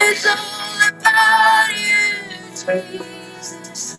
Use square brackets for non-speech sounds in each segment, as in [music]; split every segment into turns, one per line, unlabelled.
It's all about you, Jesus.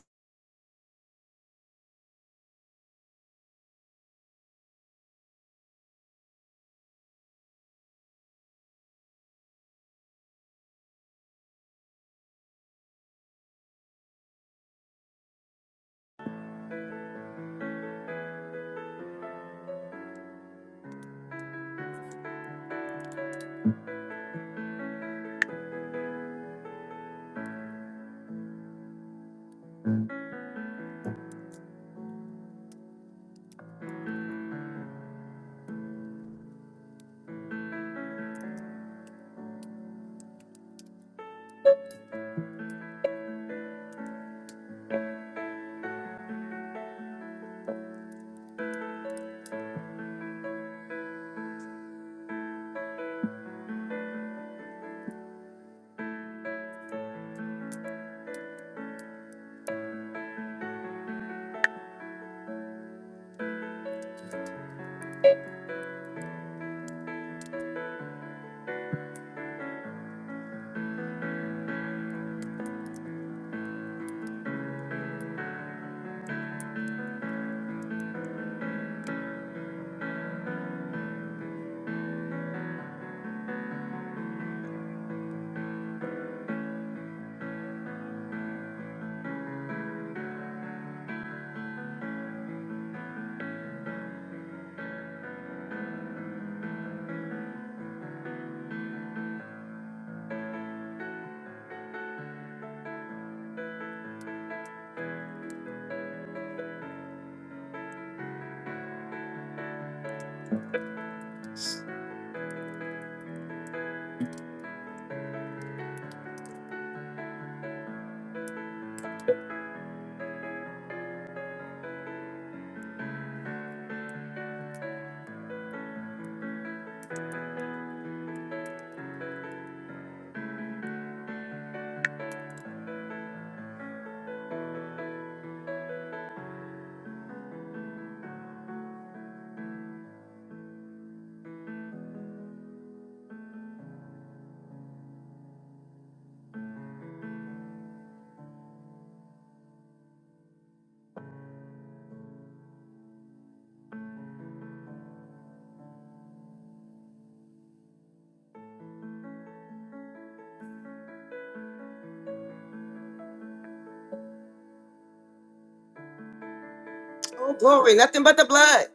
Oh, glory. Nothing but the blood.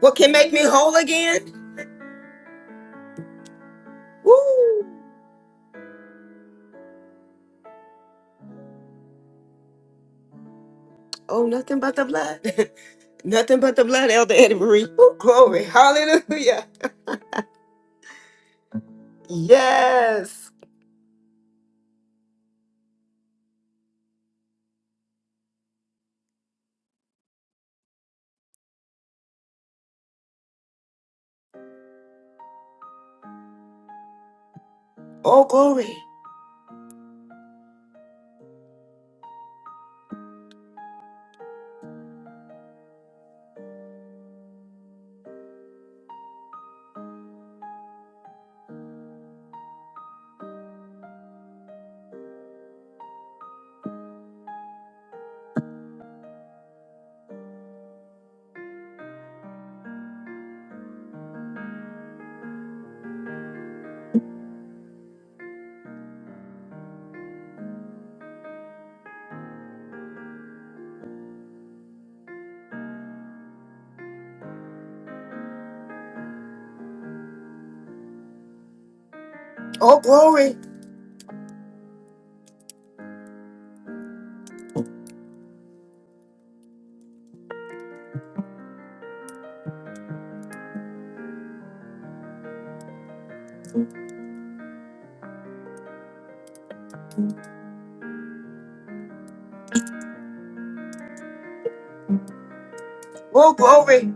What can make me whole again? Woo. Oh, nothing but the blood. [laughs] nothing but the blood, Elder Eddie Marie. Woo, glory. Hallelujah. Yes. Oh, glory. Oh, glory. Oh, glory.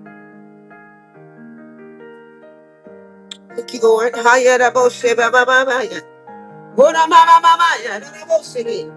Thank you, Lord. Hiya da bo she ba ba ba ba ya. Wo da ma ma ma ma ya. Da da bo she ge.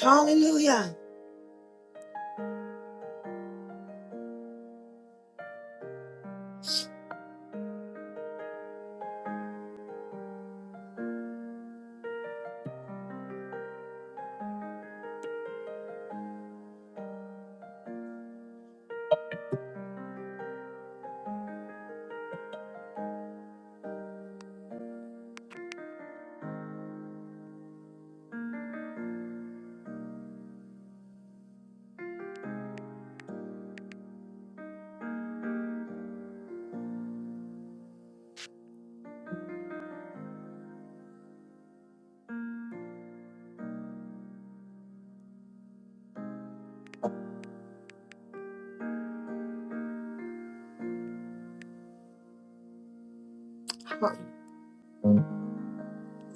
Hallelujah.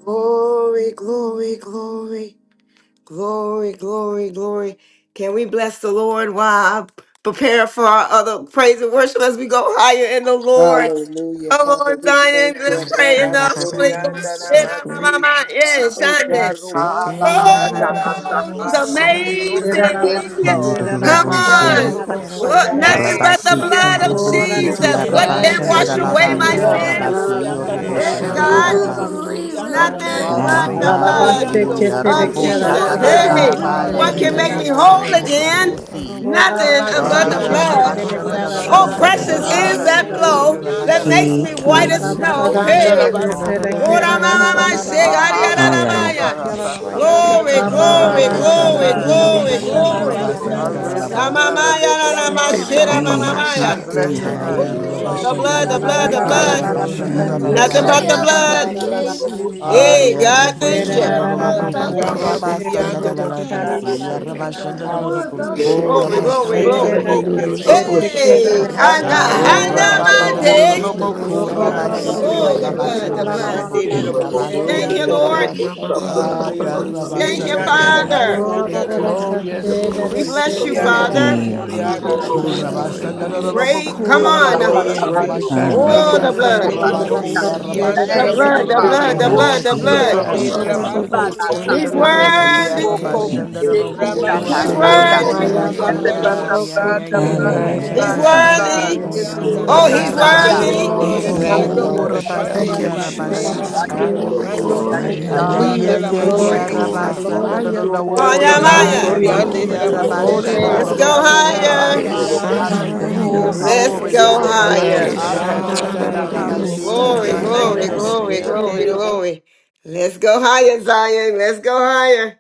Glory, glory, glory. Glory, glory, glory. Can we bless the Lord while I prepare for our other praise and worship as we go higher in the Lord?
Hallelujah,
Come
Father.
on,
We
Zion,
thank you,
let's pray in
Rabba
the
Hallelujah,
Holy
Ashandararare,
Sorianda
Ghost.
shake it,
Namasi.
Yeah,
God.
Sunday.
Eka
shake
Robo
it,
Yes,
Oh,
Sianda
Oh, he's
hallelujah.
Lamasando
Those the
Robo
sa.
Baba bara ra ra ra ra ra ra ra ra ra ra ra
Sorianda
amazing.
Namasi.
Lord.
Freedom, ba
Thank
Come
ba
you,
ba ba
Yando
Ayurobosha,
ba
Jesus.
on.
Robo
ba,
Look,
Sorianda
shake.
nothing
Thank
but
you,
the
Rabasi
Namasata
Yararabayasokoye.
blood of
Jesus.
Rabba
three
Kurubosi
Jesus.
Sorianda
What
Thank
Ikandararare,
can
Tiarabasha,
you,
wash
Namasi.
away
shake
Jesus.
my
Hallelujah.
You
Dadalabaka,
are
Rama
sins?
Rabasi,
worthy.
Sorianda
Şiererebeyandararabayasokoye
You are
Yeah,
Urubosha,
worthy,
God.
Namasata
Lord.
Rabba
ererebeyahaya.
Dadalabas.
Ishandararare,
little
Sorianda
all
Nothing
Father,
Namasi.
pigs.
but
I
the
Hallelujah.
sandararare.
come
I
blood
Yando
Hallelujah,
Bo
of
Yererebeyandararabayasokoye
Robosha,
Sorianda
Jesus.
Shake
wanted
it,
the
We
Oh,
ererebeyasata
Hey,
Rabasata
three
Dalalaba,
little
what can
Ye,
kill
make
Rabasi.
me
the
hallelujah.
yararabayasata.
pigs,
whole
Roboku,
Kushaba.
again?
Hallelujah.
sandararare.
Robosi,
Roba
Nothing
Rama
Eh,
but
bakandaya
We
the
ba
Sanda
Waya
ba
kill
ba ba
blood.
ba
Rabasha,
the
ba,
Namasuria
but
Oh,
Kushaba
Dadalaboku,
Darabasi
precious
not
ererebeyandararabayasokoye.
on
sandararare,
Basha.
is that
Robo
Rabasi,
here.
shake
here,
flow
Hallelujah,
Sorianda
that
Rabasha,
Jesus.
Namasi.
makes
We
me
Dadalabu.
white
kill
as
the
Şiyalalabayasata
Shake
snow.
Boko.
it,
Hey,
Yes, Lord.
Ikandarabasori
Ora
yararabeyandararabayasata
mama ma she,
andarabasete
yararabaya.
Haya
Ah,
ari
ha,
ara
ha,
la
rabasete.
sandararare.
baya.
Alalabakushi
kangarasaka.
Shake,
killing.
Yalalabayandaya
glory,
Ekandara
I
Yandaramasori
da
glory,
da
bless
da
Robosha,
your
da
glory,
ererebeyasiki
name.
We
glory,
andarabasete
kill
Dadalaboku,
the
yalalabayasata
glory.
Boko.
Rabasan,
I
ra ra
bless
rabasandaramas.
yararabeyasata.
your
ra ra
Shama
Dadalabas.
ra.
name.
Thank
na
you.
na ma she
[laughs]
Ramasando
ma ma
We
Shit,
kill
I
maya.
boshata.
Thank
bless your
the
Woo,
Haya
name.
Hallelujah,
Can
bakusha,
I
The
Rabasha,
Thank
blood, the
Hallelujah,
blood,
Jesus.
the
Dadalaboku,
blood.
hallelujah,
Rabasan,
Hallelujah.
Nothing
Shialalabaya
Ranana
but
Dadalabas.
the
have a
satayada
blood.
duck
hallelujah,
bakushi,
cake?
you.
Hey,
Aya
baya
God,
hallelujah.
robo
Or
you.
thank
did
shanda
you.
do
I
sokoyere
do
de
want a
lobo
duck
baya.
Mm-hmm.
cake?
kuraba sanda da
Ramasiando
la la
boshaya.
basi ya
Yalalabayanda
raba
da
shanda
I
do
Shakekana,
baya
do
want a
lobo
duck
si.
Hallelujah.
sokoyere
Ora
de
Glory,
cake.
glory,
bayanda
Thank
Bashata,
you,
da
glory.
thank
baya
you,
Ririno
thank you.
sokoye.
Hey,
Pushata,
da
Duh, I
Handa,
want a cup
da
Aya
Handa
Yere
Ora
Aramasanda
de
raba
Baba
duck
shanda do
bayanda
do
Baye,
do
cake.
mande!
da
rabaseke
lobo
baya
Shaketa
kuraba
Baba
roboshianda
si
And I
ti
Baye,
ya
rabase.
Oh,
want a
the
raba
bayanda
blood,
da
the
shanda
cupcake
do do
baya
from
Mande
blood.
the
lobo
de Mandere
satayada da
store.
kuraba
Ekile
baya.
Thank
si.
you,
Doja
Rabosorianda
Lord.
Rabase,
Rabasata,
Shiara da
Aya
baya
raba
Ririno
Thank you,
shanda
sokoyere
do
de
do
Eshanda
Pushata.
akala
bayanda
Father.
da
baku
lobo.
Rabasanda
bayanda
Oh,
ya.
Rabase,
yes, Lord,
We
we
bless
thank
you,
you,
Yando
Yere de
da
Just
Lord.
Father.
buy
We
baya
give
ili
everything
you
Bosoriada
out.
buku
praise,
I
Rabase.
Horaba
want a
glory, and
sanda do do
sababasha
honor.
lobo
cupcake.
Great. Come
bayanda
Ishandarabiyosaya.
Thank
kuraba
da
Don't
you,
on.
si
break
baya
Lord,
it,
ya
thank
so.
Elijah.
great
you.
raba
is
Don't
thy
shanda
break it. I
do do
ana
want a
Oh, the
lobo
baku
faithfulness.
blood,
Ramasande
cupcake.
de
kuraba
Lord, I give
si
Şiyalalabaya,
ya
you
raba
Rabosianda
the
praise.
dararabaya,
Thank
shanda do
you,
blood,
do
Eyayarabiyosandarabiyo.
the
Father.
lobo.
blood,
Ramashande,
the
Ora
sıçyerelebaya,
Oh,
blood, the
miki
shike
blood.
Mande
Bashata,
de
sokuyerelebaya,
Mandere
buto
haya.
Ebababababa,
kumba
Bashaketa,
la
Rabasorianda
He's
sata.
Ririno
Yalalabaya,
Rabaseka,
Ya
Pushata,
shandarabiyosike.
raba
Oko
worthy.
in
Lord.
dararabaya,
shanda
the
do do
biche
name of
kinda
lobo.
Aren't
la
Jesus.
you
He's
Ramasande
sotuyerelebeya,
de
Ishike,
Aya
worthy
sata.
ya
to
worthy.
raba
be
nayerelebeya,
Ayaba,
si
Rabosorianda
Nothing
praised?
but
haya.
ya
the
ayaba,
ya
Ramasheka,
blood,
ya
the
ya
and
koshe,
the
ya
blood,
nayarabiyosandarabiyo.
the
rising of
He's
blood,
the
Yanda
the
Yerelebeya,
Alalalabaku.
ya.
sun to the
raba.
blood.
worthy.
going
sıçyerelebeya,
down of
Hello,
Rabosorianda
the
Oh,
Haya
he's
same.
raba
Ramasheka.
Shanaya.
sokuyerelebaya,
shandala la
Isayarabiyoko.
la
worthy.
The
Glory,
dararabaya,
You are
name of
Ikando
the
kere,
şanda.
Ekelelaba.
worthy,
Lord
Lord.
kere,
shall
boshande
You
Thank
are
you,
be
worthy,
rebase
Lord.
Jesus.
praised.
I
Şiyalalabaya,
give you
Glory,
dararabaya,
mando
Hallelujah.
glory. I
robo
glory,
give you
Haya
We
honor. I
sorianda
ya
sıçyerelebeya,
Shit.
la
give
lift
ya
you
you
glory,
up,
ya
Anananamanukashia.
dararabaya,
O
Glory,
praise.
Hallelujah.
mashikaya.
raba
glory,
God.
soku.
sandala
glory,
glory,
la
Hiya,
You are
ta, ta,
glory.
worthy,
Yande
ta,
de
ta,
bo
Lord.
ta.
Hallelujah.
glory,
sori
Şiyalalabaya,
ye
Blessed
Ayaba.
be
yande de
glory,
kia
the
dararabaya,
name
raba
of
glory,
rabasa.
the
Ore
shandala
Rebe,
Let's
la
Lord.
Ekelebukusaba.
bas,
glory.
ta,
go
satayerelebaya,
deke,
ta, ta,
haya.
rara,
ta.
higher.
Hallelujah.
raba,
Rabasanda
si.
rara,
In the
ramase
Yalalabaya,
ke
Hallelujah.
Oh
name of
Let's
dararabaya,
Ishandarabiyose.
deke,
glory
Jesus.
robosi.
go
Hallelujah.
God
raba.
raba
higher.
Yes.
shandala
sokuyerelebaya,
la
aka,
la
ta,
bo
ta, ta,
Anda
di,
Hallelujah.
dararabaya,
di, di,
haya.
di, di,
ramasha.
ta,
Glory,
Hallelujah.
si.
Ishandadadadadiyosike.
Glory,
Thank
glory,
you,
raba,
glory,
Jesus.
Yande
Ukusababashiki.
glory,
de bo.
Yelelebeyandaraba.
glory. Let's go higher, Zion. Let's go higher.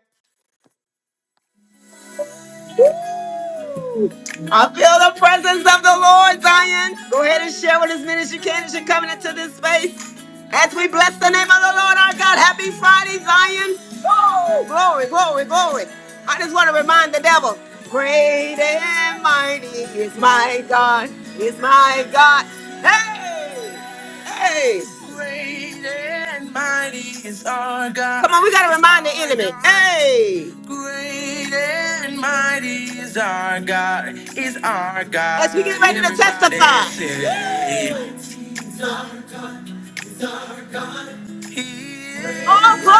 Woo! I feel the presence of the Lord, Zion. Go ahead and share with as many as you can as you're coming into this space. As we bless the name of the Lord our God, happy Friday, Zion. Woo! Glory, glory, glory. I just want to remind the devil, great and mighty is my God, is my God. Hey! Hey! Great and mighty is our God. Come on, we got to remind the enemy. Hey! Great and mighty is our God, is our God. As we get ready to Everybody testify. say it. Oh, glory!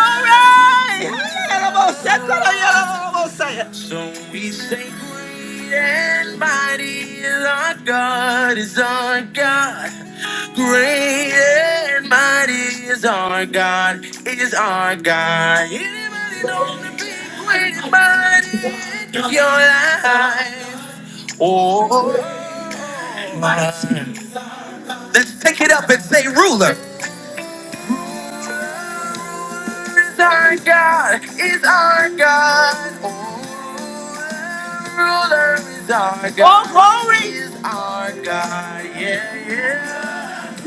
So we say, Great and mighty is our God, is our God. Great and mighty is our God, is our God. Anybody know the big, great and mighty in your life? Oh, my. Let's take it up and say, Ruler. our God, is our God. Oh, ruler is our God. Oh, glory! Is our God, yeah, yeah.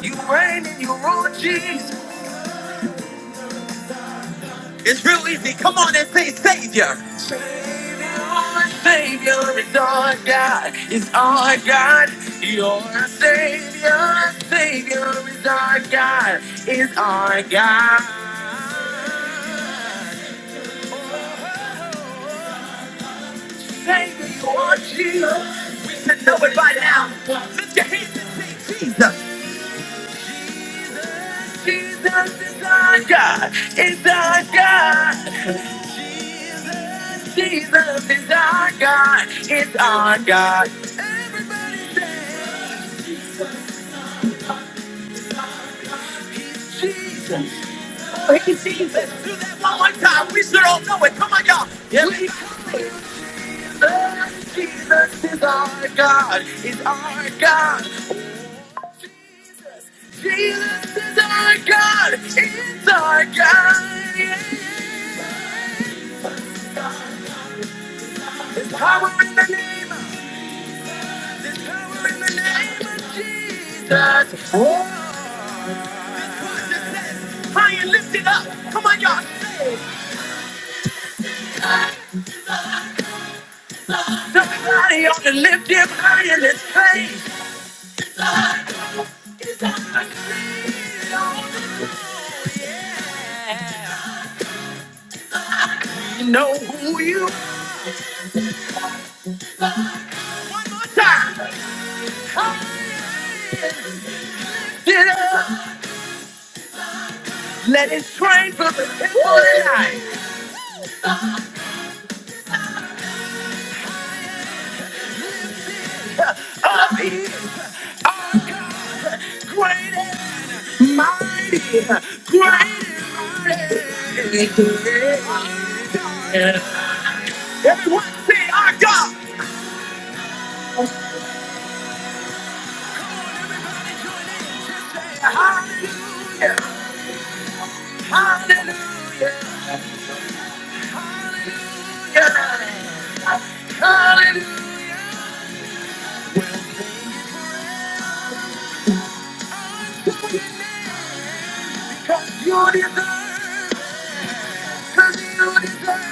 You reign and you rule, Jesus. It's real easy. Come on and say Savior. Savior is our God, is our God, your Savior, Savior is our God, is our God. Savior, you are Jesus. We should know it by now. Lift your hands and say Jesus. Jesus is our God, is our God. Jesus is our God. It's our God. Jesus. Oh, he's Jesus. Do that one more time. We sure all know it. Come on, y'all. Yeah. We serve Jesus is our God. It's our God. Jesus is our God. It's our God. Yes. Power in the name of power in the name of Jesus. Oh. High and lift it up. Come on, y'all. Somebody ought to lift him high in his face. You know who you are. Consider, let it strain for the people tonight. Of his are God, great and mighty, great and mighty. Everyone say our God. Hallelujah, hallelujah, hallelujah. deserve, cause you deserve, 'cause you deserve.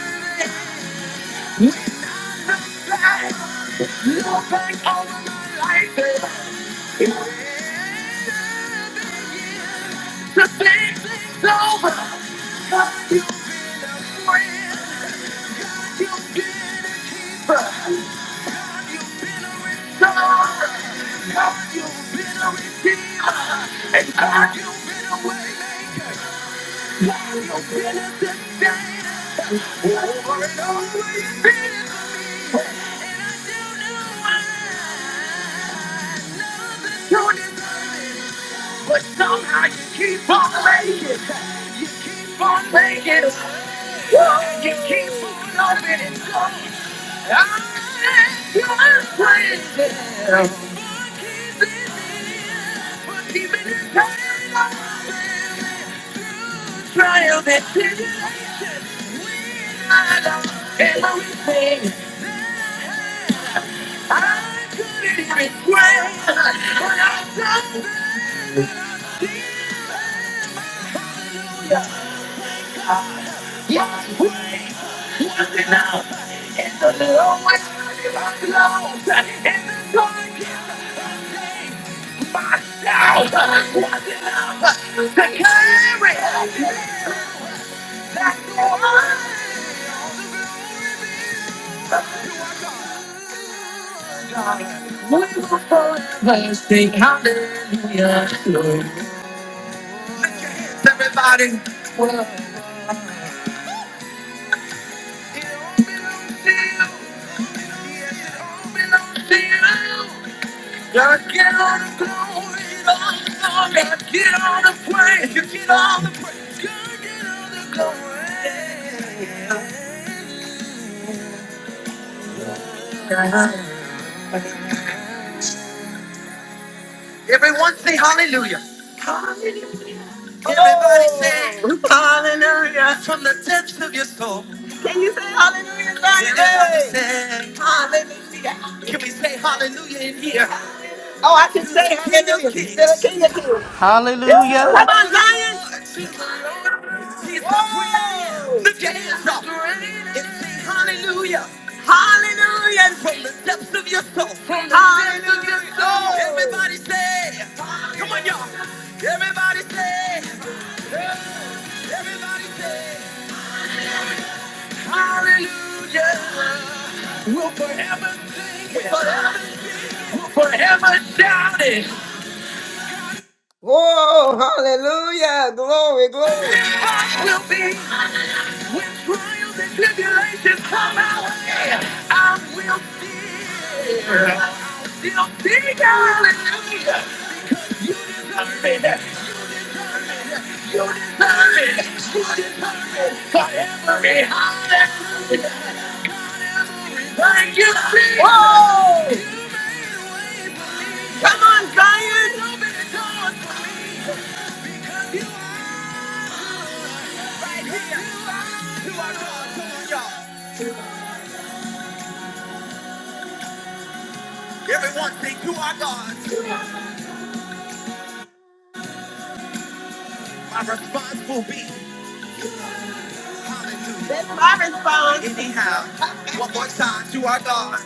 that. You bang over my life, baby. It's the same thing's over. Cause you friends, you bitter, sorry. Cause you been a redeemer. And God, you been a waymaker. God, you been a sustainer. Over and over, you've been a opportunity. But somehow you keep on making. You keep on making. You keep on loving it. Myself, I can't the We will forever sing hallelujah. to you. Everybody will feel, we don't feel. God get all the glory, get all the glory. God get all the praise, you get all the praise. God get all the glory. Everyone say hallelujah. Everybody say Oh. hallelujah from the depths of your soul. Hallelujah, everybody Everybody say hallelujah. Can we say hallelujah in here? Oh, I can say hallelujah. He's still a king of kings. Woo! Come on, Zion. Woo! Lift your hands up and sing hallelujah. Hallelujah. Everybody say, come on, y'all. Hallelujah. We'll forever sing. it. We'll forever shout it. Whoa, hallelujah. Glory, glory. We'll be. When trials and tribulations come our way, I will fear. I will fear, hallelujah. You deserve it. You deserve it. You deserve it. For every hallelujah. Thank you, Jesus. Whoa! Come on, Zion. Open the doors for me, 'cause you are right here. You are. You are God. Come on, y'all. Everyone say, you are God. My response will be. That's my response. Anyhow, one more time to our God.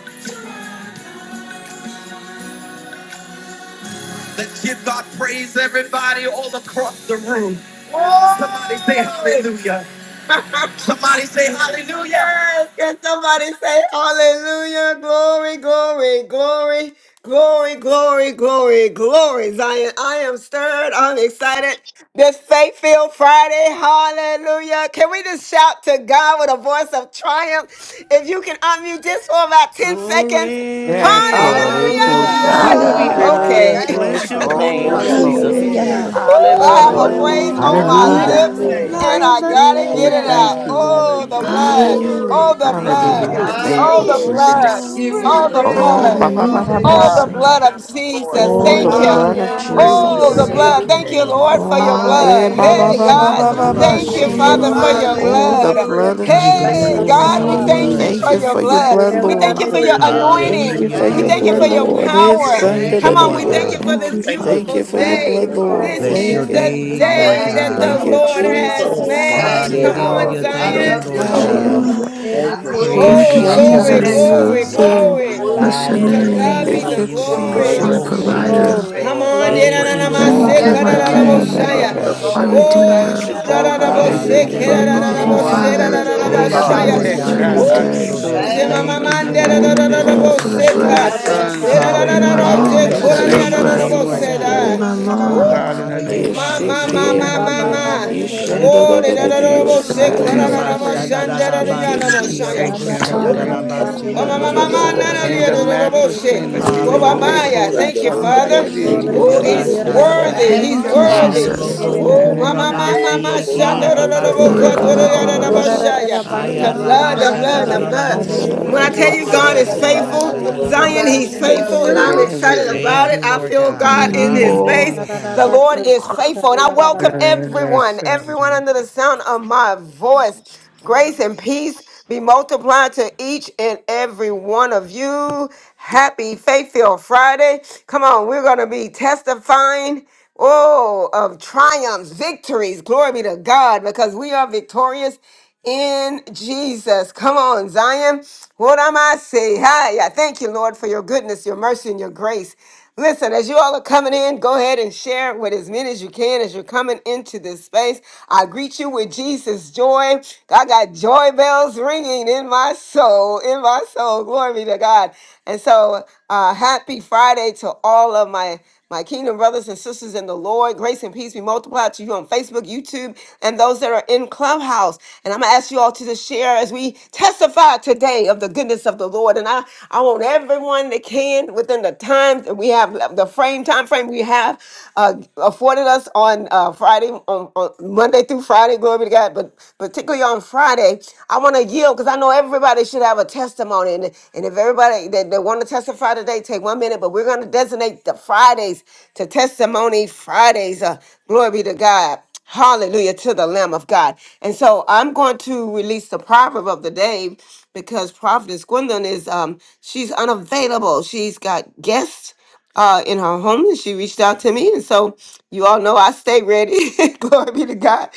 Let's give God praise, everybody, all across the room. Somebody say hallelujah. [laughs] Somebody say hallelujah. Yes, can somebody say hallelujah, glory, glory, glory, glory, glory, glory, glory, Zion. I am stirred, I'm excited. This Faith Field Friday, hallelujah. Can we just shout to God with a voice of triumph? If you can unmute this for about 10 seconds,
Yes,
Glory.
Lord. Iku,
Hallelujah,
sha,
hallelujah!
Hallelujah.
Hallelujah.
Hallelujah.
ta.
Hallelujah.
Okay. [laughs]
Thank
Hallelujah.
Glory
Bless
you,
to
your
your
Oh,
name,
yes,
Hallelujah.
Jesus.
Hallelujah.
holy
Lord.
Thank
Jesus.
you,
name.
Glory
You
hallelujah.
Jesus.
to
Hallelujah.
Ooh,
are
Hallelujah.
Yes,
God.
I have
worthy,
a
Hallelujah.
Lord.
Hallelujah.
praise
Glory,
Lord.
on
I
Hallelujah,
my
glory.
bless
Hallelujah.
lips
your
Jesus.
Hallelujah.
Oh,
Hallelujah.
name.
No,
Glory.
and
thank
I'm
I
not
you,
Orobabakayelelebeyandaya.
gotta
saying
Father
get
We
Hallelujah.
it
that.
out.
thank you,
God.
Glory.
I
Oh,
give
Lord.
Hallelujah,
the
you
Thank
Hallelujah.
blood.
you,
Jesus.
Oh,
Hallelujah.
glory.
Lord.
Thank
the
I
Thank
you,
you,
give
Lord.
blood.
Mm.
you
thank
Hallelujah.
I'm not
you,
Mhm.
Thank
Hallelujah.
honor.
Oh,
you,
the
thank
saying it.
you.
Glory to
blood.
God.
Jesus.
Give
Bring
you
Oh,
it.
the
I'm
Hallelujah.
not
Oh,
praise.
blood.
ba
saying
ba
Thank
ba
it.
Hallelujah.
ba
Yes,
ba
you,
Oh, the
God.
she.
blood
Hallelujah.
of
Yes,
Lord.
Lord.
Orobabakayelelebeyandarabayasoko.
Jesus.
You
Oh,
are
the
Thank
Oh,
you.
I
God.
blood
Glory,
Hallelujah.
of
Hallelujah.
praise
Oh,
your
the
Jesus.
hallelujah.
Mhm.
Para,
Thank
blood.
holy
Hallelujah.
you
Thank you,
kere,
name,
Lord.
Lord, for
Glory,
Father
kere,
your
God.
Oh,
glory,
eh,
blood.
ba ba
Hey,
Shiyelelebeyandararabayasatayelelebeyahaya.
glory,
Bless
ba
you
ba
for
God.
ba
the
ba
glory.
Hallelujah.
You,
ba
Thank
blood
you
Thank
you
you,
for
are
your
she.
so
Father,
O
for
blood,
Hallelujah.
Jesus.
your
worthy
rebe
to
Oh,
be
Jesus.
the
blood.
kishika
blood
praised.
Hallelujah.
of
Give
Hallelujah.
chara
you
ra
Thank
Hey,
ra ra ra
you,
glory
ra
Praise.
Jesus.
Oyalalabayash,
for
God,
Lord.
the
Thank
we
you,
ra.
thank
blood
Lord.
you
Hallelujah.
Hallelujah.
Thank
for
you
your
for your
Jesus.
blood.
Glory,
Thank
E
blood,
you,
We
la la
thank
Lord.
Lord.
you
de
for
de
your
hallelujah.
ke re
Hallelujah.
re
shiyelelebeyasatayelelebeyandararabayahaya.
Thank
ke
Thank
you
anointing.
ra
Hallelujah
you
for
ra
We
for
your
Thank
ra
thank
God.
you,
you
your
ra
blood,
for
Yes,
ra
your
Lord.
blood.
Jesus.
Lord. It's
Hallelujah.
Yes,
power.
re
Thank you.
Jesus.
re
Sunday.
Thank
ra
Thank
you
Come
ra
you,
on, we
Lord
ra.
Glory,
thank
Father.
you
God.
for
Thank
this
glory,
you,
Thank you,
Thank
glory,
Father.
beautiful
you for your
Shiyelelebeyasatayelelebeyandararabayasoko.
Thank
glory.
day.
blood,
you,
Thank you,
Lord.
Thank
This
Father.
Lord.
Father.
Bless
you,
your
Thank
is
Yerere
you.
the
Glory,
name,
thank
beyanlar
you,
Lord
day
Haya
Thank
that
arabaya
you,
God.
the
Thank
Baba
sat
you,
Lord.
hallelujah.
her
Lord
Baba
Move
arabaya
has
oh, the
Yes,
Baba
Jesus.
most
Baba
Glory
Father.
haya.
made.
to
Thank
Yes,
you,
Come
Basta.
incredible,
on,
Lord.
God.
Hallelujah.
Father.
Yerere
I
Thank you,
beyaz
love
Zion.
you,
Lord
Shandra,
sik
Bless your
Lord.
Oh,
God.
Ekaya.
the
yerere
Hallelujah.
beya
holy
Thank
I
you,
kid,
name.
hayal
Jesus.
Praise
Thank you,
be
Oh,
arabaya
glorify
oh.
you.
dar
unto
I
glory,
you,
Glory
O
to
arabaya
Jesus.
glory,
God.
sok.
God.
Hallelujah.
magnify you.
Ishandarabiyose.
You are
glory.
Glory,
the
Yes,
Bless
worthy,
your
glory,
yes,
Mighty
To
Lord.
and
Thank
Şirere
yes,
kid,
glory.
you,
God
name,
be
faithful
beyaz
Thank
yes.
are
the
you,
sat
you,
her
You
Jesus.
are
God.
Oh,
Bless
glory.
arabaya
your
my
yes,
Jesus.
holy
worthy
Hallelujah.
to
Lord.
haya.
Thank
Roboshi.
be
name,
you.
Yes,
provider.
Glory,
God.
Come
Lord.
praised.
on,
Yes,
Yerere
Thank
glory.
Lord.
you,
praise
Bless
beyanlar
Haya
your
Lord
your
Oh,
Ah,
Thank
Yeranamase
ba,
you,
Baba
God.
bless
arabaya
my
ba,
holy
your
Baba
Blessed
ba,
sat
be
ba,
her
name,
name.
holy
Baba
the
ba,
King,
name
Hallelujah,
arabaya
ba,
Baba
of
name,
dar
Jesus.
ba,
the
Kararaboshaya.
God.
God.
my
arabaya
Lord.
haya.
she.
Nobody
Bless
Redeemer.
can
your
Handlemosatai.
Oh,
love
Baba
Oh,
holy
us
God, we
Yes,
like you
name.
Raraboshe,
Yerere
lift
Lord.
you
can.
up
Yes,
Hallelujah.
beyanlar
Hallelujah,
Thank
this
Lord.
you,
arabaya
Oh,
God.
morning.
Keraraboshe,
sok
Rebbe,
Father,
Hallelujah.
yerere
Oh,
Hallelujah,
the
Thank
beya
you,
for
Rarabashaya.
blood
this
Lord
of
haya.
Protect,
Hallelujah.
God, for
brand
Woo!
the
new
your
God,
hallelujah.
Thank
our
Hallelujah.
you,
day.
Jesus.
faithfulness.
children,
Jesus.
Şirere
our
Thank you,
Thank
Glory,
beyaz
you
Yemamamande,
for
sat
Yelabosikendelerobosandelomosatai.
children's
your
her
Oh,
glory,
the
kid,
Jesus.
children.
Thank
arabaya
goodness, oh
you
glory,
dar
blood
for
of
the
Yelabosikendelerobosandelomosatai.
God.
Raraboshe,
Oh,
arabaya
Thank
glory.
breath
our
you,
Ora
Ka.
sok
Thank
Yelabosi-
ye.
sons,
you,
Jesus.
Jesus.
Lord,
Lord.
and
in
our
my
Hallelujah.
Deraraboshe,
Hallelujah.
fathers,
lungs.
Bless
in
Thank
your
the
It's
you,
Yerere
Hallelujah.
your
Korania,
name
name of
beyaz
today,
breath
Thank
sok
Glory,
you,
Lord
Jesus.
Raraboshe,
Jesus.
yerere
Jesus.
glory,
God.
in
Da.
my
beyanlar
Glory.
Woo!
Oh,
I
arabaya
God,
lungs.
in
hallelujah.
sat
honor
the
her
you,
name of
Ma,
arabaya
Father.
ma,
Bless your
Yelabosikendelerobosandelomosatai.
Jesus,
ma,
Thank
haya.
you,
ma,
Ishike.
have
holy
Lord
ma,
your way,
God.
ma.
name.
Lord.
Thank you,
Şirene
Thank
Lord.
you.
beyan
Glory,
sat,
In
yarana
Bless
Jesus'
your
Raraboshe,
mighty
Yelabosikendelerobosandelomosatai.
Yes,
Thank
bayanlara
holy
da
you,
name we
Ishandarabiyosaya.
Lord.
bayan
Yes,
Urabasha
Father.
soku,
name.
da
pray.
Kararaboshande,
da
Lord.
Thank
yarana
la
you,
Thank you,
bayanlara
basi
da
ki
bayan
Jesus.
Raraboshaya.
Thank you,
Glory
sat.
and
arubusha
to
Jesus.
I
your
da da
name.
Ooh.
la
praise you, Lord.
basi
Yarana
Thank you,
bayan
Hallelujah.
arabasha da
soku,
da da
Lord.
In the
lobo.
yarana
Glory,
matchless
bayanlara da
name of
glory,
bayan
Thank you,
Jesus,
haya.
they
glory.
Yelabosite.
Hallelujah.
Lord.
Yelabosite.
Wobabaya.
called
Hallelujah.
out
Thank you,
Thank you.
Father.
Messiah,
Şirene
Thank
Yelabosite.
the-
Thank
you,
you,
the
Father.
Oh,
beyanlara da
he's
bayan
Hallelujah.
Messiah,
Jesus.
Urabasha
sat,
the
ya.
worthy.
yarana
Thank
He's
you,
Thank
Messiah.
you,
Yes,
bayanlara
Yeda
da
Father.
da
worthy.
Yelabosandelomosatai.
Hallelujah,
bayan
yes,
Thank
Jesus.
you,
lobo
In
yes.
sat,
the
Ooh,
Lord.
name
yarana
mama,
I'm
of
hallelujah.
bayan
mama,
Thank
Jesus,
sat,
mama,
you,
hurabasi ki
yarana bayan.
Father.
I
the
Glory,
You are
arabasa
pray.
Eh,
Glory,
da
glory,
ba,
da
worthy,
glory,
ba,
la
ba,
Lord.
Thank
ba,
you,
ba.
ba,
glory.
glory.
ba,
Jesus.
ba,
Yeah,
she.
the
Haya
Hallelujah,
You
yeah,
are
na, na,
blood, the
na,
rabasha
Jesus.
na,
da
worthy.
blood,
da
na,
the
da
Eh,
la
na.
blood.
lobo
Share
kanda,
Yarana
Thank
da,
your
you,
da,
When
da,
I
You
Father.
name.
tell
beyanlara
are
you
da
God
hurabusi
bayan
yosa.
is
worthy.
soku,
Lomosata,
faithful,
yarana
arabasha da da da
bayanlara da
la
Zion,
Nobody
he's
bas.
bayan
can
Yorobosita,
sat,
love
faithful,
Yes,
me
and
Glory.
yarana
I'm
like
Yes,
you
he
bayan
Lord.
can.
excited
is.
Yorobosita.
sat,
Thank
about it.
yarana
you,
I
bayan
Yes,
Lord
feel
haya.
God.
God in his
Hallelujah.
Oh,
face.
Hallelujah,
Yalana
God.
The
yes,
bayanlara
he
Lord
da
is.
is
bayan
[clears throat]
He's
sat,
faithful. And I
faithful.
yarana bayan
welcome
haya, yarana
everyone,
bayan haya.
everyone under the
Grace
sound of my
Roba
voice.
bakayım.
Grace and peace be multiplied to each and every one of you. Happy Faith Filled Friday. Come on, we're going to be testifying. Oh, of triumphs, victories. Glory be to God because we are victorious in Jesus. Come on, Zion. What am I say? Hi, I thank you, Lord, for your goodness, your mercy, and your grace. Listen, as you all are coming in, go ahead and share with as many as you can as you're coming into this space. I greet you with Jesus' joy. I got joy bells ringing in my soul, in my soul. Glory be to God. And so, uh, happy Friday to all of my my kingdom brothers and sisters in the Lord, grace and peace be multiplied to you on Facebook, YouTube, and those that are in Clubhouse. And I'm going to ask you all to just share as we testify today of the goodness of the Lord. And I, I want everyone that can within the time that we have, the frame, time frame we have uh, afforded us on uh, Friday, on, on Monday through Friday, glory be to God, but particularly on Friday, I want to yield because I know everybody should have a testimony testimony. And, and if everybody that, that want to testify today, take one minute, but we're going to designate the Fridays to Testimony Fridays. Uh, glory be to God. Hallelujah to the Lamb of God. And so I'm going to release the proverb of the day because Prophetess Gwendolyn is um she's unavailable. She's got guests uh, in her home and she reached out to me. And so you all know I stay ready. [laughs] Glory be to God.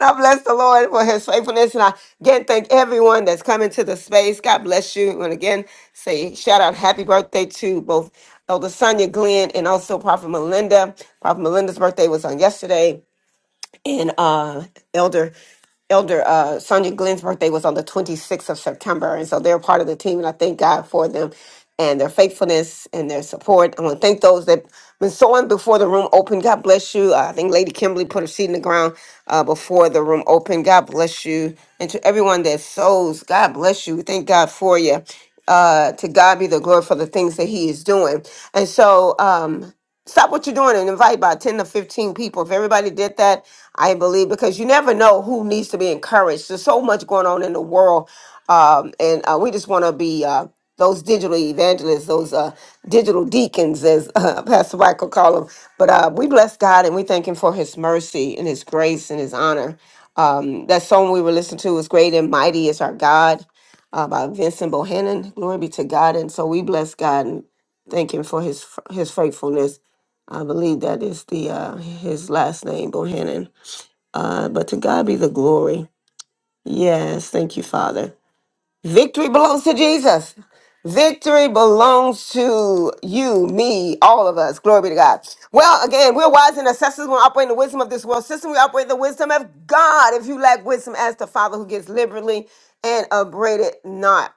And I bless the Lord for his faithfulness. And I again thank everyone that's coming to the space. God bless you. And again, say shout out happy birthday to both Elder Sonia Glenn and also Prophet Melinda. Prophet Melinda's birthday was on yesterday and uh, Elder Elder uh, Sonia Glenn's birthday was on the 26th of September, and so they're part of the team, and I thank God for them and their faithfulness and their support. I want to thank those that been sowing before the room opened. God bless you. Uh, I think Lady Kimberly put her seed in the ground uh, before the room opened. God bless you, and to everyone that sows, God bless you. We Thank God for you. Uh, to God be the glory for the things that He is doing, and so. Um, stop what you're doing and invite about 10 to 15 people. If everybody did that, I believe, because you never know who needs to be encouraged. There's so much going on in the world. Um, and uh, we just want to be uh, those digital evangelists, those uh, digital deacons, as [laughs] uh, Pastor Michael call them. But uh, we bless God and we thank Him for His mercy and His grace and His honor. Um, that song we were listening to was Great and Mighty is Our God uh, by Vincent Bohannon. Glory be to God. And so we bless God and thank Him for His, His faithfulness. I believe that is the uh, his last name, Bohannon. Uh, but to God be the glory. Yes, thank you, Father. Victory belongs to Jesus. Victory belongs to you, me, all of us. Glory be to God. Well, again, we're wise and assessors. We operate in the wisdom of this world system. We operate in the wisdom of God. If you lack wisdom, ask the Father who gives liberally and upbraid it not.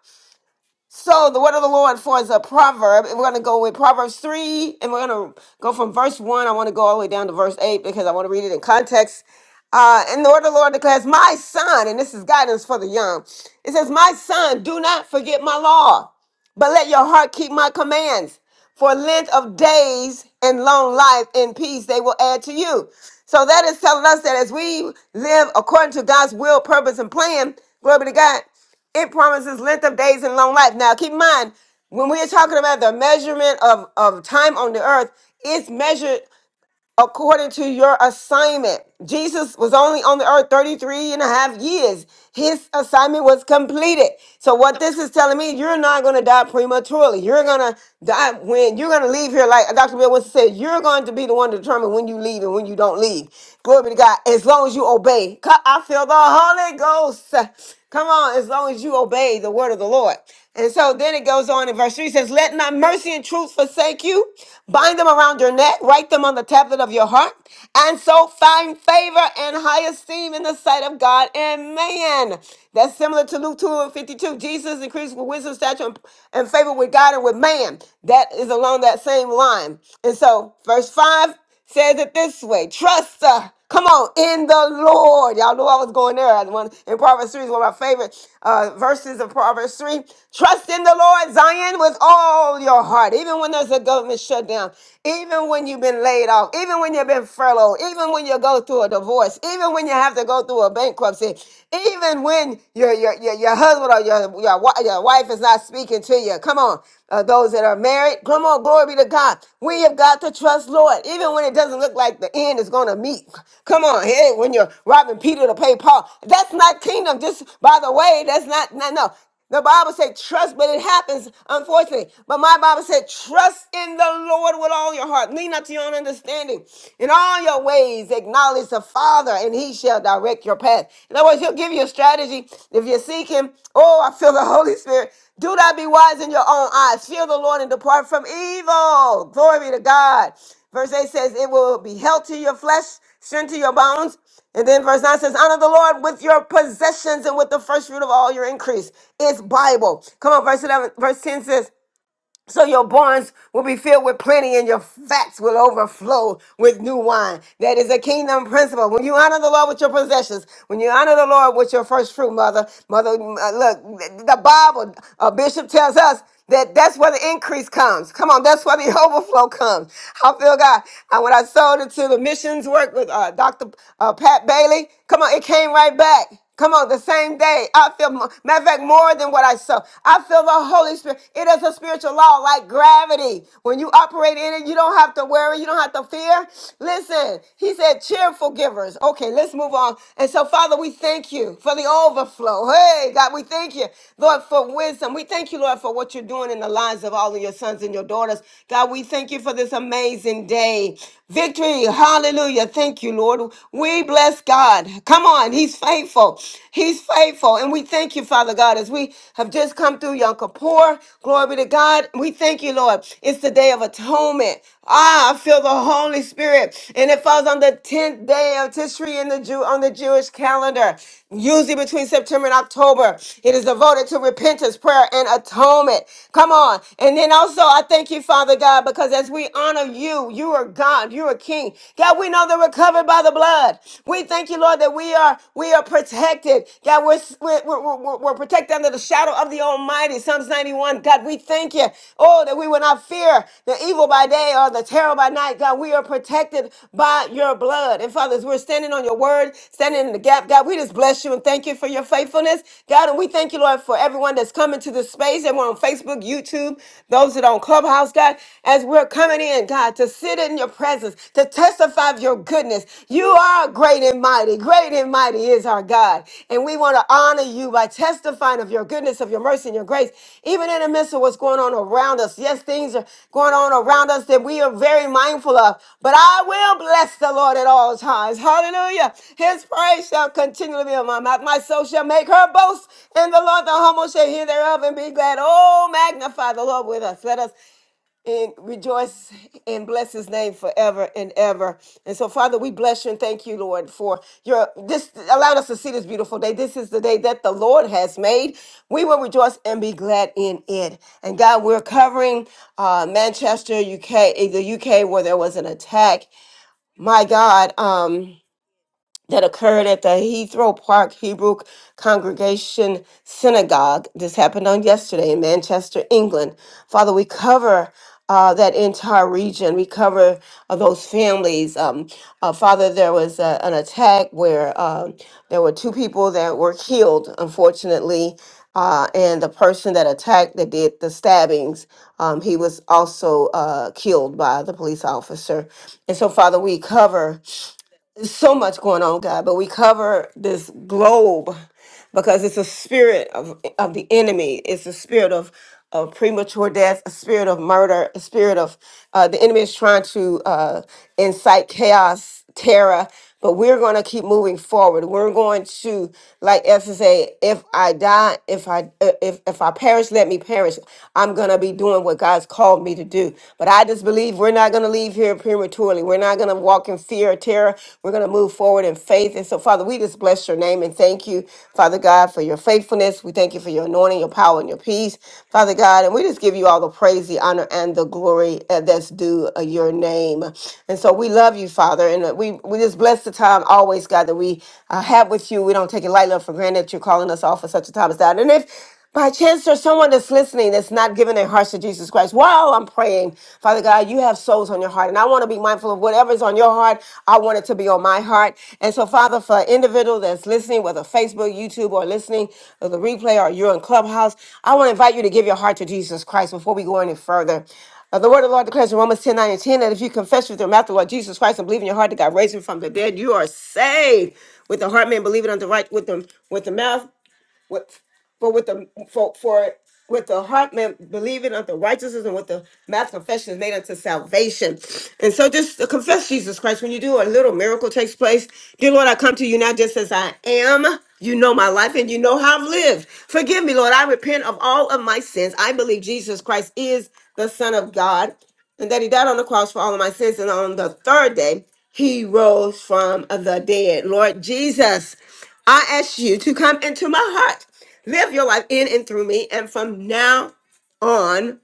So the word of the Lord for is a proverb. And we're going to go with Proverbs 3, and we're going to go from verse 1. I want to go all the way down to verse 8 because I want to read it in context. Uh, and the word of the Lord declares, My son, and this is guidance for the young. It says, My son, do not forget my law, but let your heart keep my commands. For length of days and long life and peace they will add to you. So that is telling us that as we live according to God's will, purpose, and plan, glory be to God, it promises length of days and long life. Now, keep in mind, when we're talking about the measurement of, of time on the earth, it's measured according to your assignment. Jesus was only on the earth 33 and a half years. His assignment was completed. So, what this is telling me, you're not going to die prematurely. You're going to die when you're going to leave here, like Dr. Bill Winston said, you're going to be the one to determine when you leave and when you don't leave. Glory to God. As long as you obey. Co- I feel the Holy Ghost. Come on, as long as you obey the word of the Lord. And so then it goes on in verse 3 says, Let not mercy and truth forsake you. Bind them around your neck, write them on the tablet of your heart, and so find favor and high esteem in the sight of God and man. That's similar to Luke 2 and 52. Jesus increased with wisdom, stature, and and favor with God and with man. That is along that same line. And so, verse 5 says it this way trust uh, come on in the lord y'all knew i was going there The one in proverbs 3 is one of my favorite uh, verses of proverbs 3 trust in the lord zion with all your heart even when there's a government shutdown even when you've been laid off even when you've been furloughed even when you go through a divorce even when you have to go through a bankruptcy even when your your your, your husband or your, your, wi- your your wife is not speaking to you. Come on. Uh, those that are married, come on. Glory be to God. We have got to trust Lord, even when it doesn't look like the end is going to meet. Come on. Hey, when you're robbing Peter to pay Paul, that's not kingdom. Just by the way, that's not, no, no. The Bible said trust, but it happens, unfortunately. But my Bible said trust in the Lord with all your heart. Lean not to your own understanding. In all your ways, acknowledge the Father, and he shall direct your path. In other words, he'll give you a strategy. If you seek him, oh, I feel the [laughs] Holy Spirit. Do not be wise in your own eyes. Fear the Lord and depart from evil. Glory be to God. Verse 8 says, It will be health to your flesh, strength to your bones. And then verse 9 says, Honor the Lord with your possessions and with the first fruit of all your increase. It's Bible. Come on, verse 11, verse 10 says, so your barns will be filled with plenty and your vats will overflow with new wine. That is a kingdom principle. When you honor the Lord with your possessions, when you honor the Lord with your first fruit, mother, mother, uh, look, the Bible, a bishop tells us that that's where the increase comes. Come on, that's where the [laughs] overflow comes. I feel God. And when I sold it to the missions work with uh, Dr. uh, Pat Bailey, come on, it came right back. Come on, the same day. I feel, mo- matter of fact, more than what I saw. I feel the Holy Spirit. It is a spiritual law like gravity. When you operate in it, you don't have to worry, you don't have to fear. Listen, he said, cheerful givers. Okay, let's move on. And so, Father, we thank you for the overflow. Hey, God, we thank you, Lord, for wisdom. We thank you, Lord, for what you're doing in the lives of all of your sons and your daughters. God, we thank you for this amazing day. Victory. Hallelujah. Thank you, Lord. We bless. Yes, God. Come on. He's faithful. He's faithful. And we thank you, Father God, as we have just come through Yom Kippur. Glory be to God. We thank you, Lord. It's the day of atonement. Ah, I feel the Holy Spirit. And it falls on the 10th day of Tishri in the Jew on the Jewish calendar, usually between September and October. It is devoted to repentance, prayer, and atonement. Come on. And then also I thank you, Father God, because as we honor you, you are God, you are King. God, we know that we're covered by the blood. We thank you, Lord, that we are we are protected. God, we're we're, we're, we're we're protected under the shadow of the Almighty. Psalms 91. God, we thank you. Oh, that we will not fear the evil by day or the terror by night. God, we are protected by your blood. And fathers, we're standing on your word, standing in the gap. God, we just bless you and thank you for your faithfulness. God, and we thank you, Lord, for everyone that's coming to this space, everyone on Facebook, YouTube, those that are on Clubhouse, God, as we're coming in, God. God, to sit in your presence, to testify of your goodness. You are great and mighty. Great and mighty is our God. And we want to honor you by testifying of your goodness, of your mercy, and your grace, even in the midst of what's going on around us. Yes, things are going on around us that we are very mindful of, but I will bless the Lord at all times. Hallelujah. His praise shall continually be on my mouth. My soul shall make her boast in the Lord. The humble shall hear thereof and be glad. Oh, magnify the Lord with us. Let us and rejoice and bless his name forever and ever. And so, Father, we bless you and thank you, Lord, for your this allowed us to see this beautiful day. This is the day that the Lord has made. We will rejoice and be glad in it. And God, we're covering uh, Manchester, UK, the UK, where there was an attack. My God, um, that occurred at the Heathrow Park Hebrew Congregation Synagogue. This happened on yesterday in Manchester, England. Father, we cover uh, that entire region. We cover uh, those families. Um, uh, Father, there was uh, an attack where um there were two people that were killed, unfortunately. Uh, and the person that attacked that did the stabbings, um, he was also uh, killed by the police officer. And so, Father, we cover so much going on, God, but we cover this globe because it's a spirit of, of the enemy. It's a spirit of, of premature death, a spirit of murder, a spirit of uh, the enemy is trying to uh, incite chaos, terror, but we're going to keep moving forward. We're going to, like Esther say, if I die, if I uh, if if I perish, let me perish. I'm going to be doing what God's called me to do. But I just believe we're not going to leave here prematurely. We're not going to walk in fear fear or terror. We're going to move forward in faith. And so, Father, we just bless your name and thank you, Father God, for your faithfulness. We thank you for your anointing, your power, and your peace, Father God. And we just give you all the praise, the honor, and the glory uh, that's due uh, your name. And so we love you, Father. And uh, we, we just bless the time always, God, that we uh, have with you. We don't take it lightly or for granted that you're calling us off for such a time as that. And if by chance, there's someone that's listening that's not giving their hearts to Jesus Christ. While I'm praying, Father God, you have souls on your heart, and I want to be mindful of whatever's on your heart. I want it to be on my heart. And so, Father, for an individual that's listening, whether Facebook, YouTube, or listening to the replay, or you're in Clubhouse, I want to invite you to give your heart to Jesus Christ before we go any further. Uh, the word of the Lord declares in Romans 109 and 10 that if you confess with your mouth the Lord Jesus Christ and believe in your heart that God raised him from the dead, you are saved. With the heart man believe it unto right with the with the mouth. What for with the for for with the heart man believing unto righteousness and with the mouth confession is made unto salvation. And so just to confess Jesus Christ. When you do a little miracle takes place, dear Lord, I come to you now just as I am. You know my life and you know how I've lived. Forgive me, Lord. I repent of all of my sins. I believe Jesus Christ is the Son of God and that he died on the cross for all of my sins. And on the third day, he rose from the dead. Lord Jesus, I ask you to come into my heart, live your life in and through me, and from now on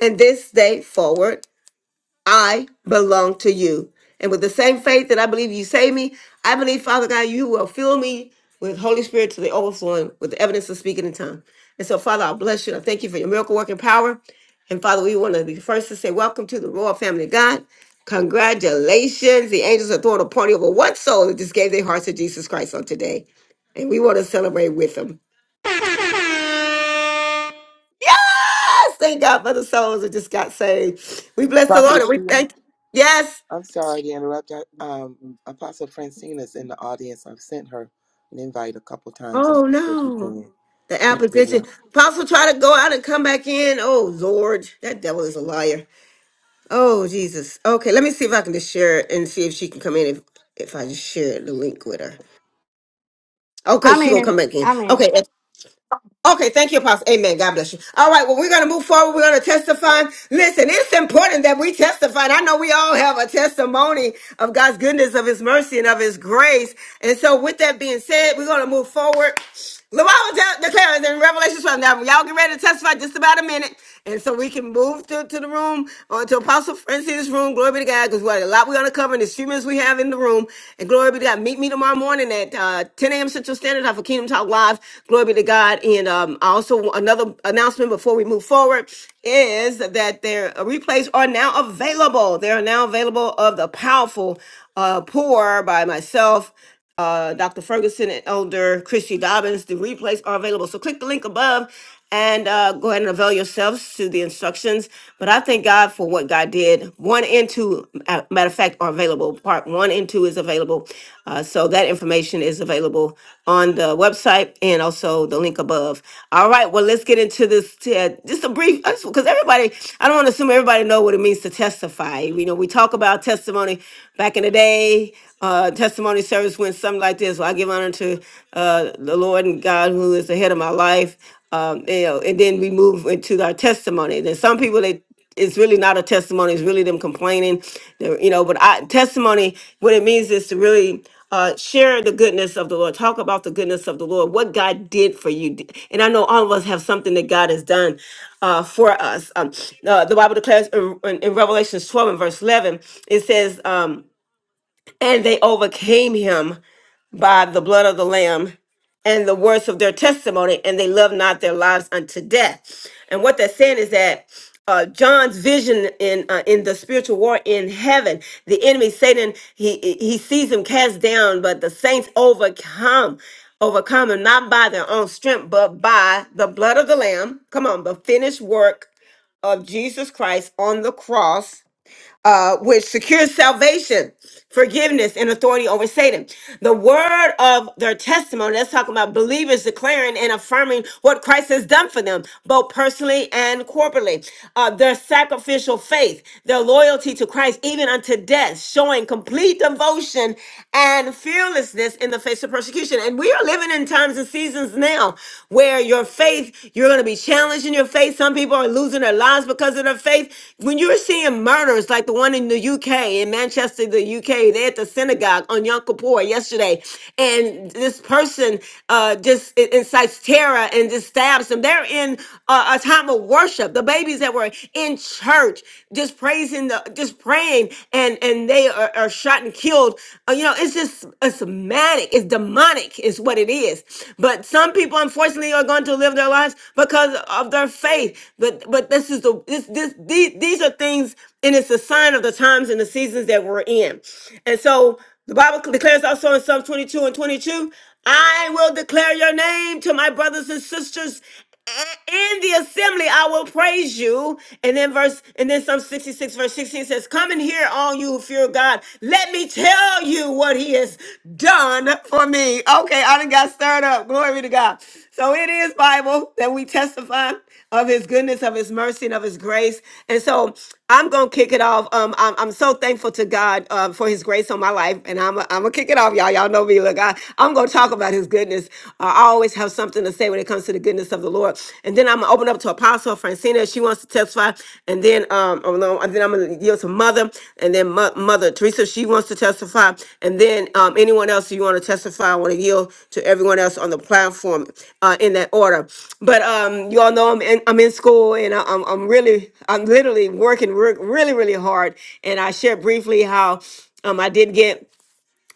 and this day forward, I belong to you. And with the same faith that I believe you save me, I believe, Father God, you will fill me with Holy Spirit to the overflowing with the evidence of speaking in tongue. And so, Father, I bless you. and I thank you for your miracle working power. And Father, we want to be first to say, Welcome to the royal family of God. Congratulations. The angels are throwing a party over one soul that just gave their hearts to Jesus Christ on today. And we want to celebrate with them. Yes! Thank God for the souls that just got saved. We bless the Lord
Prophet
and we
Sheila,
thank. Yes.
I'm sorry to interrupt. I, um, Apostle Francine is in the audience. I've sent her an invite a couple times, and
Oh
if you
no.
can,
The
can't get her.
application. Apostle try to go out and come back in. Oh Lord, that devil is a liar. Oh Jesus. Okay, let me see if I can just share it and see if she can come in if if I just share the link with her. Okay,
I'm
she gonna
in.
come back in.
I'm in.
Okay, Okay, thank you, Apostle. Amen. God bless you. All right, well, we're going to move forward. We're going to testify. Listen, it's important that we testify. And I know we all have a testimony of God's goodness, of His mercy, and of His grace. And so, with that being said, we're going to move forward. The Bible de- declares in Revelation 12. Now, y'all get ready to testify just about a minute. And so we can move to, to the room or to Apostle Francina's room. Glory be to God, because we have a lot we're going to cover in the few minutes we have in the room. And glory be to God. Meet me tomorrow morning at uh, 10 a.m. Central Standard Time for Kingdom Talk Live. Glory be to God. And um, also another announcement before we move forward is that their replays are now available. They are now available of the powerful uh, pour by myself uh, Dr. Ferguson and Elder Christy Dobbins. The replays are available. So click the link above and uh, go ahead and avail yourselves to the instructions. But I thank God for what God did. One and two, uh, matter of fact, are available. Part one and two is available. Uh, so that information is available on the website and also the link above. All right, well, let's get into this. t- uh, just a brief, because everybody, I don't want to assume everybody know what it means to testify. You know, we talk about testimony back in the day uh, testimony service went something like this. Well, I give honor to uh, the Lord and God who is the head of my life. Um, you know, and then we move into our testimony. Then some people they it's really not a testimony. It's really them complaining, they're- you know. But I, testimony, what it means is to really uh, share the goodness of the Lord. Talk about the goodness of the Lord, what God did for you. And I know all of us have something that God has done uh, for us. Um, uh, the Bible declares in, in Revelation 12 and verse 11, it says. Um, and they overcame him by the blood of the Lamb and the words of their testimony, and they loved not their lives unto death. And what they're saying is that uh, John's vision in uh, in the spiritual war in heaven, the enemy Satan, he he sees him cast down, but the saints overcome, overcome him not by their own strength, but by the blood of the Lamb. Come on, the finished work of Jesus Christ on the cross uh, which secures salvation, forgiveness, and authority over Satan. The word of their testimony, that's talking about believers declaring and affirming what Christ has done for them, both personally and corporately. Uh, their sacrificial faith, their loyalty to Christ, even unto death, showing complete devotion and fearlessness in the face of persecution. And we are living in times and seasons now where your faith, you're going to be challenged in your faith. Some people are losing their lives because of their faith. When you're seeing murders like the one in the UK, in Manchester, the UK, they at the synagogue on Yom Kippur yesterday, and this person uh, just i- incites terror and just stabs them. They're in uh, a time of worship. The babies that were in church just praising the, just praying, and and they are, are shot and killed. Uh, you know, it's just it's manic. It's demonic, is what it is. But some people, unfortunately, are going to live their lives because of their faith. But but this is the this this these, these are things, and it's a sign of the times and the seasons that we're in. And so the Bible declares also in Psalm 22 and 22, I will declare your name to my brothers and sisters. "A- in the assembly I will praise you. And then verse, and then Psalm 66, verse 16 says, Come and hear all you who fear God. Let me tell you what he has done for me. Okay, I done got stirred up. Glory to God. So it is Bible that we testify of his goodness, of his mercy, and of his grace. And so I'm going to kick it off. Um, I'm, I'm so thankful to God uh, for his grace on my life. And I'm I'm going to kick it off, y'all. Y'all know me. Look, I, I'm going to talk about his goodness. Uh, I always have something to say when it comes to the goodness of the Lord. And then I'm going to open up to Apostle Francina. She wants to testify. And then, um, oh, no, and then then I'm going to yield to Mother, and then Mo- Mother Teresa, she wants to testify, and then um, anyone else you want to testify, I want to yield to everyone else on the platform uh, in that order. But um, you all know I'm in, I'm in school, and I, I'm, I'm really, I'm literally working re- really, really hard. And I shared briefly how um, I did get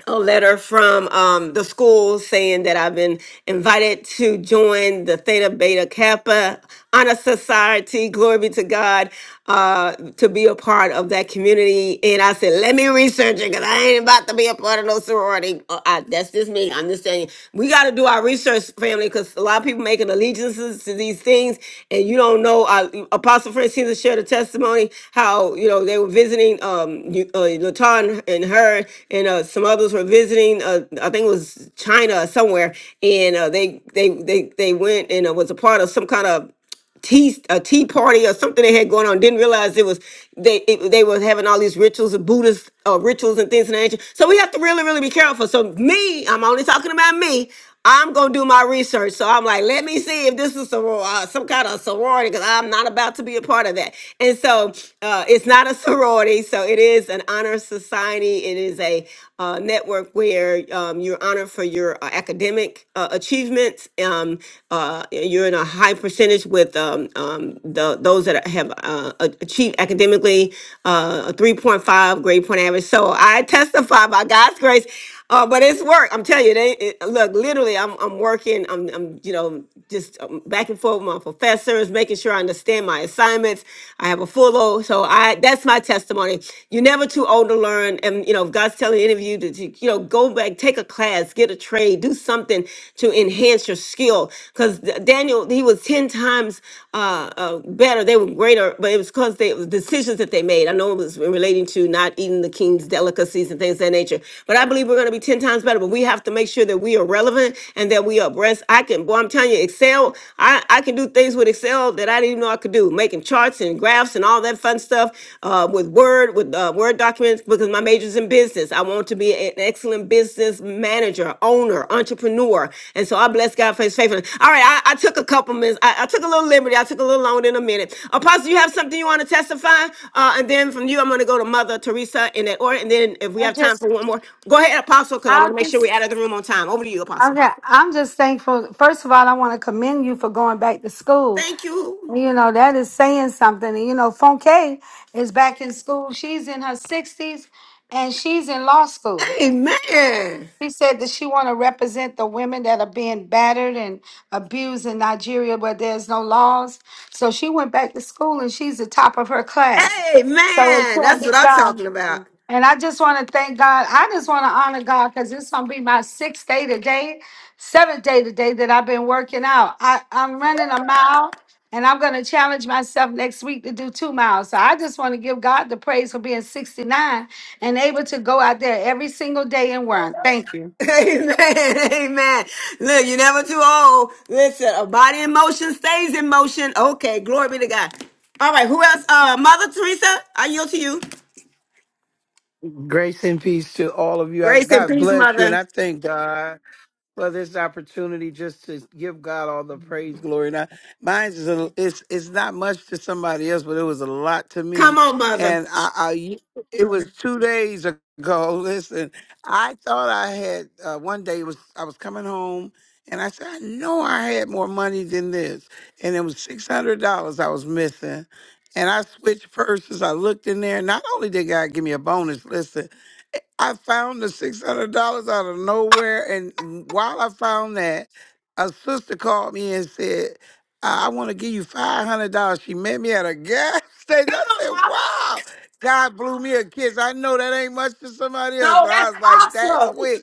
a letter from um, the school saying that I've been invited to join the Theta Beta Kappa Honor Society. Glory be to God uh, to be a part of that community. And I said, let me research it because I ain't about to be a part of no sorority. Uh, I, that's just me. I'm just saying we got to do our research research family because a lot of people making allegiances to these things, and you don't know. Uh, Apostle Francina shared a testimony how you know they were visiting um you- uh, Latan and her and uh, some others were visiting. Uh, I think it was China or somewhere, and uh, they they they they went and uh, was a part of some kind of tea a tea party or something they had going on. Didn't realize it was they it, they were having all these rituals and Buddhist uh, rituals and things of that nature. So we have to really really be careful. So me, I'm only talking about me. I'm gonna do my research. So I'm like, let me see if this is some uh, some kind of sorority because I'm not about to be a part of that. And so uh, it's not a [laughs] sorority. So it is an honor society. It is a uh, network where um, you're honored for your uh, your uh, academic uh, achievements. Um, uh, you're in a high percentage with um, um, the, those that have uh, a- achieved academically uh, a 3.5 grade point average. So I testify by God's grace. Uh, but it's work. I'm telling you, they it, look. Literally, I'm I'm working. I'm I'm you know just um, back and forth with my professors, making sure I understand my assignments. I have a full load, so I that's my testimony. You're never too too old to learn. And, you know, if God's telling any of you to, to, you know, go back, take a class, get a trade, do something to enhance your skill. Because Daniel, he was 10 times uh, uh, better. They were greater, but it was because they, it was decisions that they made. I know it was relating to not eating the king's delicacies and things of that nature. But I believe we're going to be 10 times better. But we have to make sure that we are relevant and that we are abreast. I can, boy, I'm telling you, Excel, I, I can do things with Excel that I didn't even know I could do, making charts and graphs and all that fun stuff uh, with Word, with uh, Word documents, because my major's in business. I want to be an excellent business manager, owner, entrepreneur. And so I bless God for his faithfulness. All right, I, I took a couple minutes. I, I took a little liberty. I took a little longer than a minute. Apostle, you have something you want to testify? Uh, and then from you, I'm going to go to Mother Teresa in that order. And then if we
I
have time
just,
for one more, go ahead, Apostle, because I want
I
to make sure we're
just,
out of the room on time. Over to you, Apostle.
okay. I'm just thankful. First of all, I want to commend you for going back to school.
Thank you.
You know that is saying something. And you know, Fonke is back in school. She's in her sixties, and she's in law school.
Amen.
She said that she want to represent the women that are being battered and abused in Nigeria, where there's no laws. So she went back to school, and she's the top of her class. So it
Amen.
can
That's
be
what I'm
done.
talking about.
And I just want to thank God. I just want to honor God because it's gonna be my sixth day today, seventh day today that I've been working out. I, I'm running a mile and I'm gonna challenge myself next week to do two miles. So I just want to give God the praise for being 69 and able to go out there every single day and run. Thank you.
[laughs] Amen. Amen. Look, you're never too old. Listen, a body in motion stays in motion. Okay, glory be to God. All right, who else? Uh, Mother Teresa, I yield to you.
and peace to all of you. I
Grace and
God
peace,
bless you, and
Mother.
I thank God. for this opportunity just to give God all the praise, glory. Now, mine is a, it's it's not much to somebody else, but it was a lot to
Come
me.
on, Mother.
And I, I it was two days ago. [laughs] Listen, I thought I had uh, one day it was I was coming home. And I said, I know I had more money than this. And it was $600 I was missing. And I switched purses. I looked in there. Not only did God give me a bonus, listen, I found the six hundred dollars out of nowhere, and while I found that, a sister called me and said, "I, I want to give you five hundred dollars." She met me at a gas [laughs] station. I said, "Wow!" God blew me a kiss. I know that ain't much to somebody else, but I was like that quick.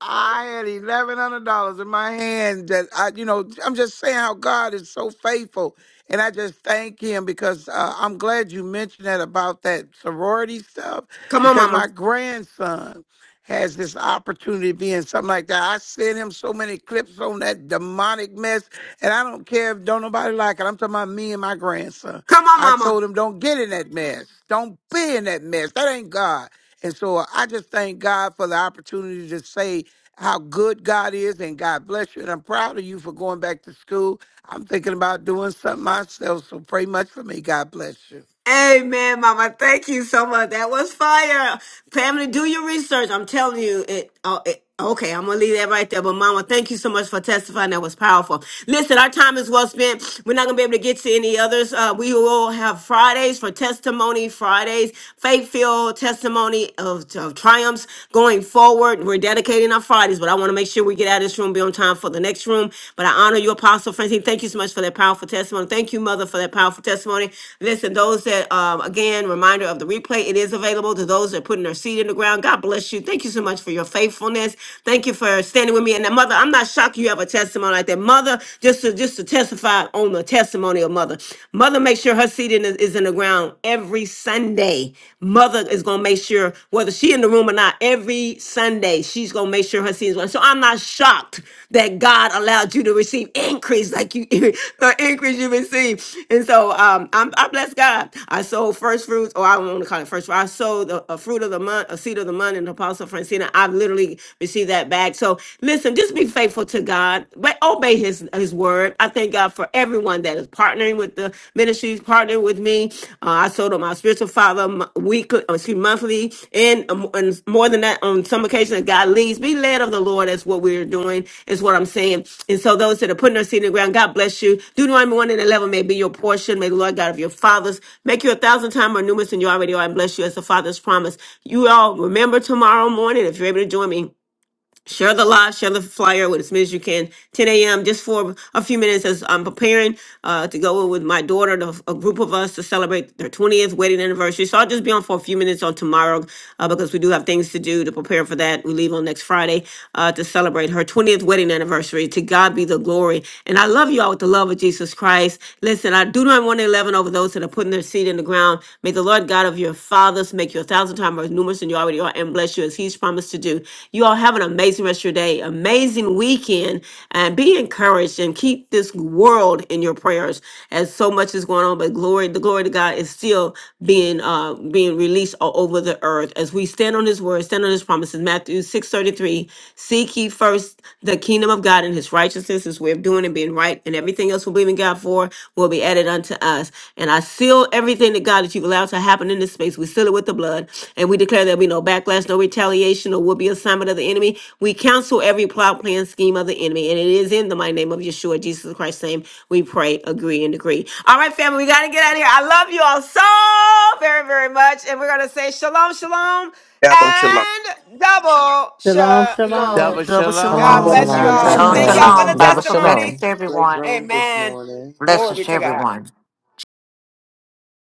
I had eleven hundred dollars in my hand that I, you know, I'm just saying how God is so faithful, and I just thank Him because uh, I'm glad you mentioned that about that sorority stuff
Come on,
because
Mama.
my grandson has this opportunity to be in something like that. I sent him so many clips on that demonic mess, and I don't care if don't nobody like it. I'm talking about me and my grandson.
Come on,
I
Mama.
told him don't get in that mess, don't be in that mess. That ain't God. And so I just thank God for the opportunity to say how good God is, and God bless you. And I'm proud of you for going back to school. I'm thinking about doing something myself, so pray much for me. God bless you.
Amen, Mama. Thank you so much. That was fire. Pamela, do your research. I'm telling you. It, oh, it, okay, I'm going to leave that right there. But, Mama, thank you so much for testifying. That was powerful. Listen, our time is well spent. We're not going to be able to get to any others. Uh, we will have Fridays for testimony, Fridays, faith filled testimony of, of triumphs going forward. We're dedicating our Fridays, but I want to make sure we get out of this room, be on time for the next next room. But I honor you, Apostle Francine. Thank you so much for that powerful testimony. Thank you, Mother, for that powerful testimony. Listen, those that, um, again, reminder of the replay, it is available to those that are putting their seed in the ground. God bless you. Thank you so much for your faithfulness. Thank you for standing with me. And now, Mother, I'm not shocked you have a testimony like that. Mother, just to, just to testify on the testimony of Mother. Mother makes sure her seed in- is in the ground every Sunday. Mother is going to make sure sure whether she in the room or not. Every Sunday, she's gonna make sure her seeds went. So I'm not shocked that God allowed you to receive increase like you [laughs] the increase you received. And so um, I'm, I bless God. I sold first fruits, or I don't want to call it first fruit. I sold a, a fruit of the month, a seed of the month, and Apostle Francina. I've literally received that back. So listen, just be faithful to God, but obey His His word. I thank God for everyone everyone that is partnering with the ministries, partnering with me. Uh, I sold on my spiritual father weekly, uh, excuse me, monthly, and, um, and more than that, on some occasions, God leads. Be led of the Lord. That's what we're doing, is what I'm saying. And so those that are putting their seed in the ground, God bless you. Deuteronomy 1 and 11 may be your portion. May the Lord God of your fathers make you a thousand times more numerous than you already are and bless you as the Father's promise. You all remember tomorrow morning, if you're able to join me share the live, share the flyer with as many as you can. 10 a.m. just for a few minutes as I'm preparing uh, to go with my daughter, the, a group of us to celebrate their 20th wedding anniversary. So I'll just be on for a few minutes on tomorrow uh, because we do have things to do to prepare for that. We leave on next Friday uh, to celebrate her 20th wedding anniversary. To God be the glory. And I love you all with the love of Jesus Christ. Listen, I do not want to 11 over those that are putting their seed in the ground. May the Lord God of your fathers make you a thousand times more numerous than you already are and bless you as he's promised to do. You all have an amazing rest of your day, amazing weekend, and be encouraged and keep this world in your prayers as so much is going on. But glory, the glory to God is still being uh being released all over the earth as we stand on his word, stand on his promises. Matthew 6:33. Seek ye first the kingdom of God and his righteousness righteousness, his way of doing and being right, and everything else we believe in God for will be added unto us. And I seal everything that God that you've allowed to happen in this space. We seal it with the blood, and we declare there'll be no backlash, no retaliation, or will be assignment of the enemy. We cancel every plot, plan, scheme of the enemy, and it is in the mighty name of Yeshua, Jesus Christ's name. We pray, agree, and decree. All right, family, we got to get out of here. I love you all so very, very much, and we're gonna say shalom, shalom and double
Shalom,
shalom.
shalom.
Double
Double
God
shalom,
Double
shalom.
bless
shalom.
you
shalom.
God
shalom,
God
all.
bless
Shalom,
Shalom,
Thank y'all
everyone.
for
bless.
the
shalom.
shalom.
shalom.
Double
Bountiful blessings
shalom.
testimonies.
to
Great
everyone.
room this
Amen.
morning.
Glory
Blessings
be
to
to God.
everyone.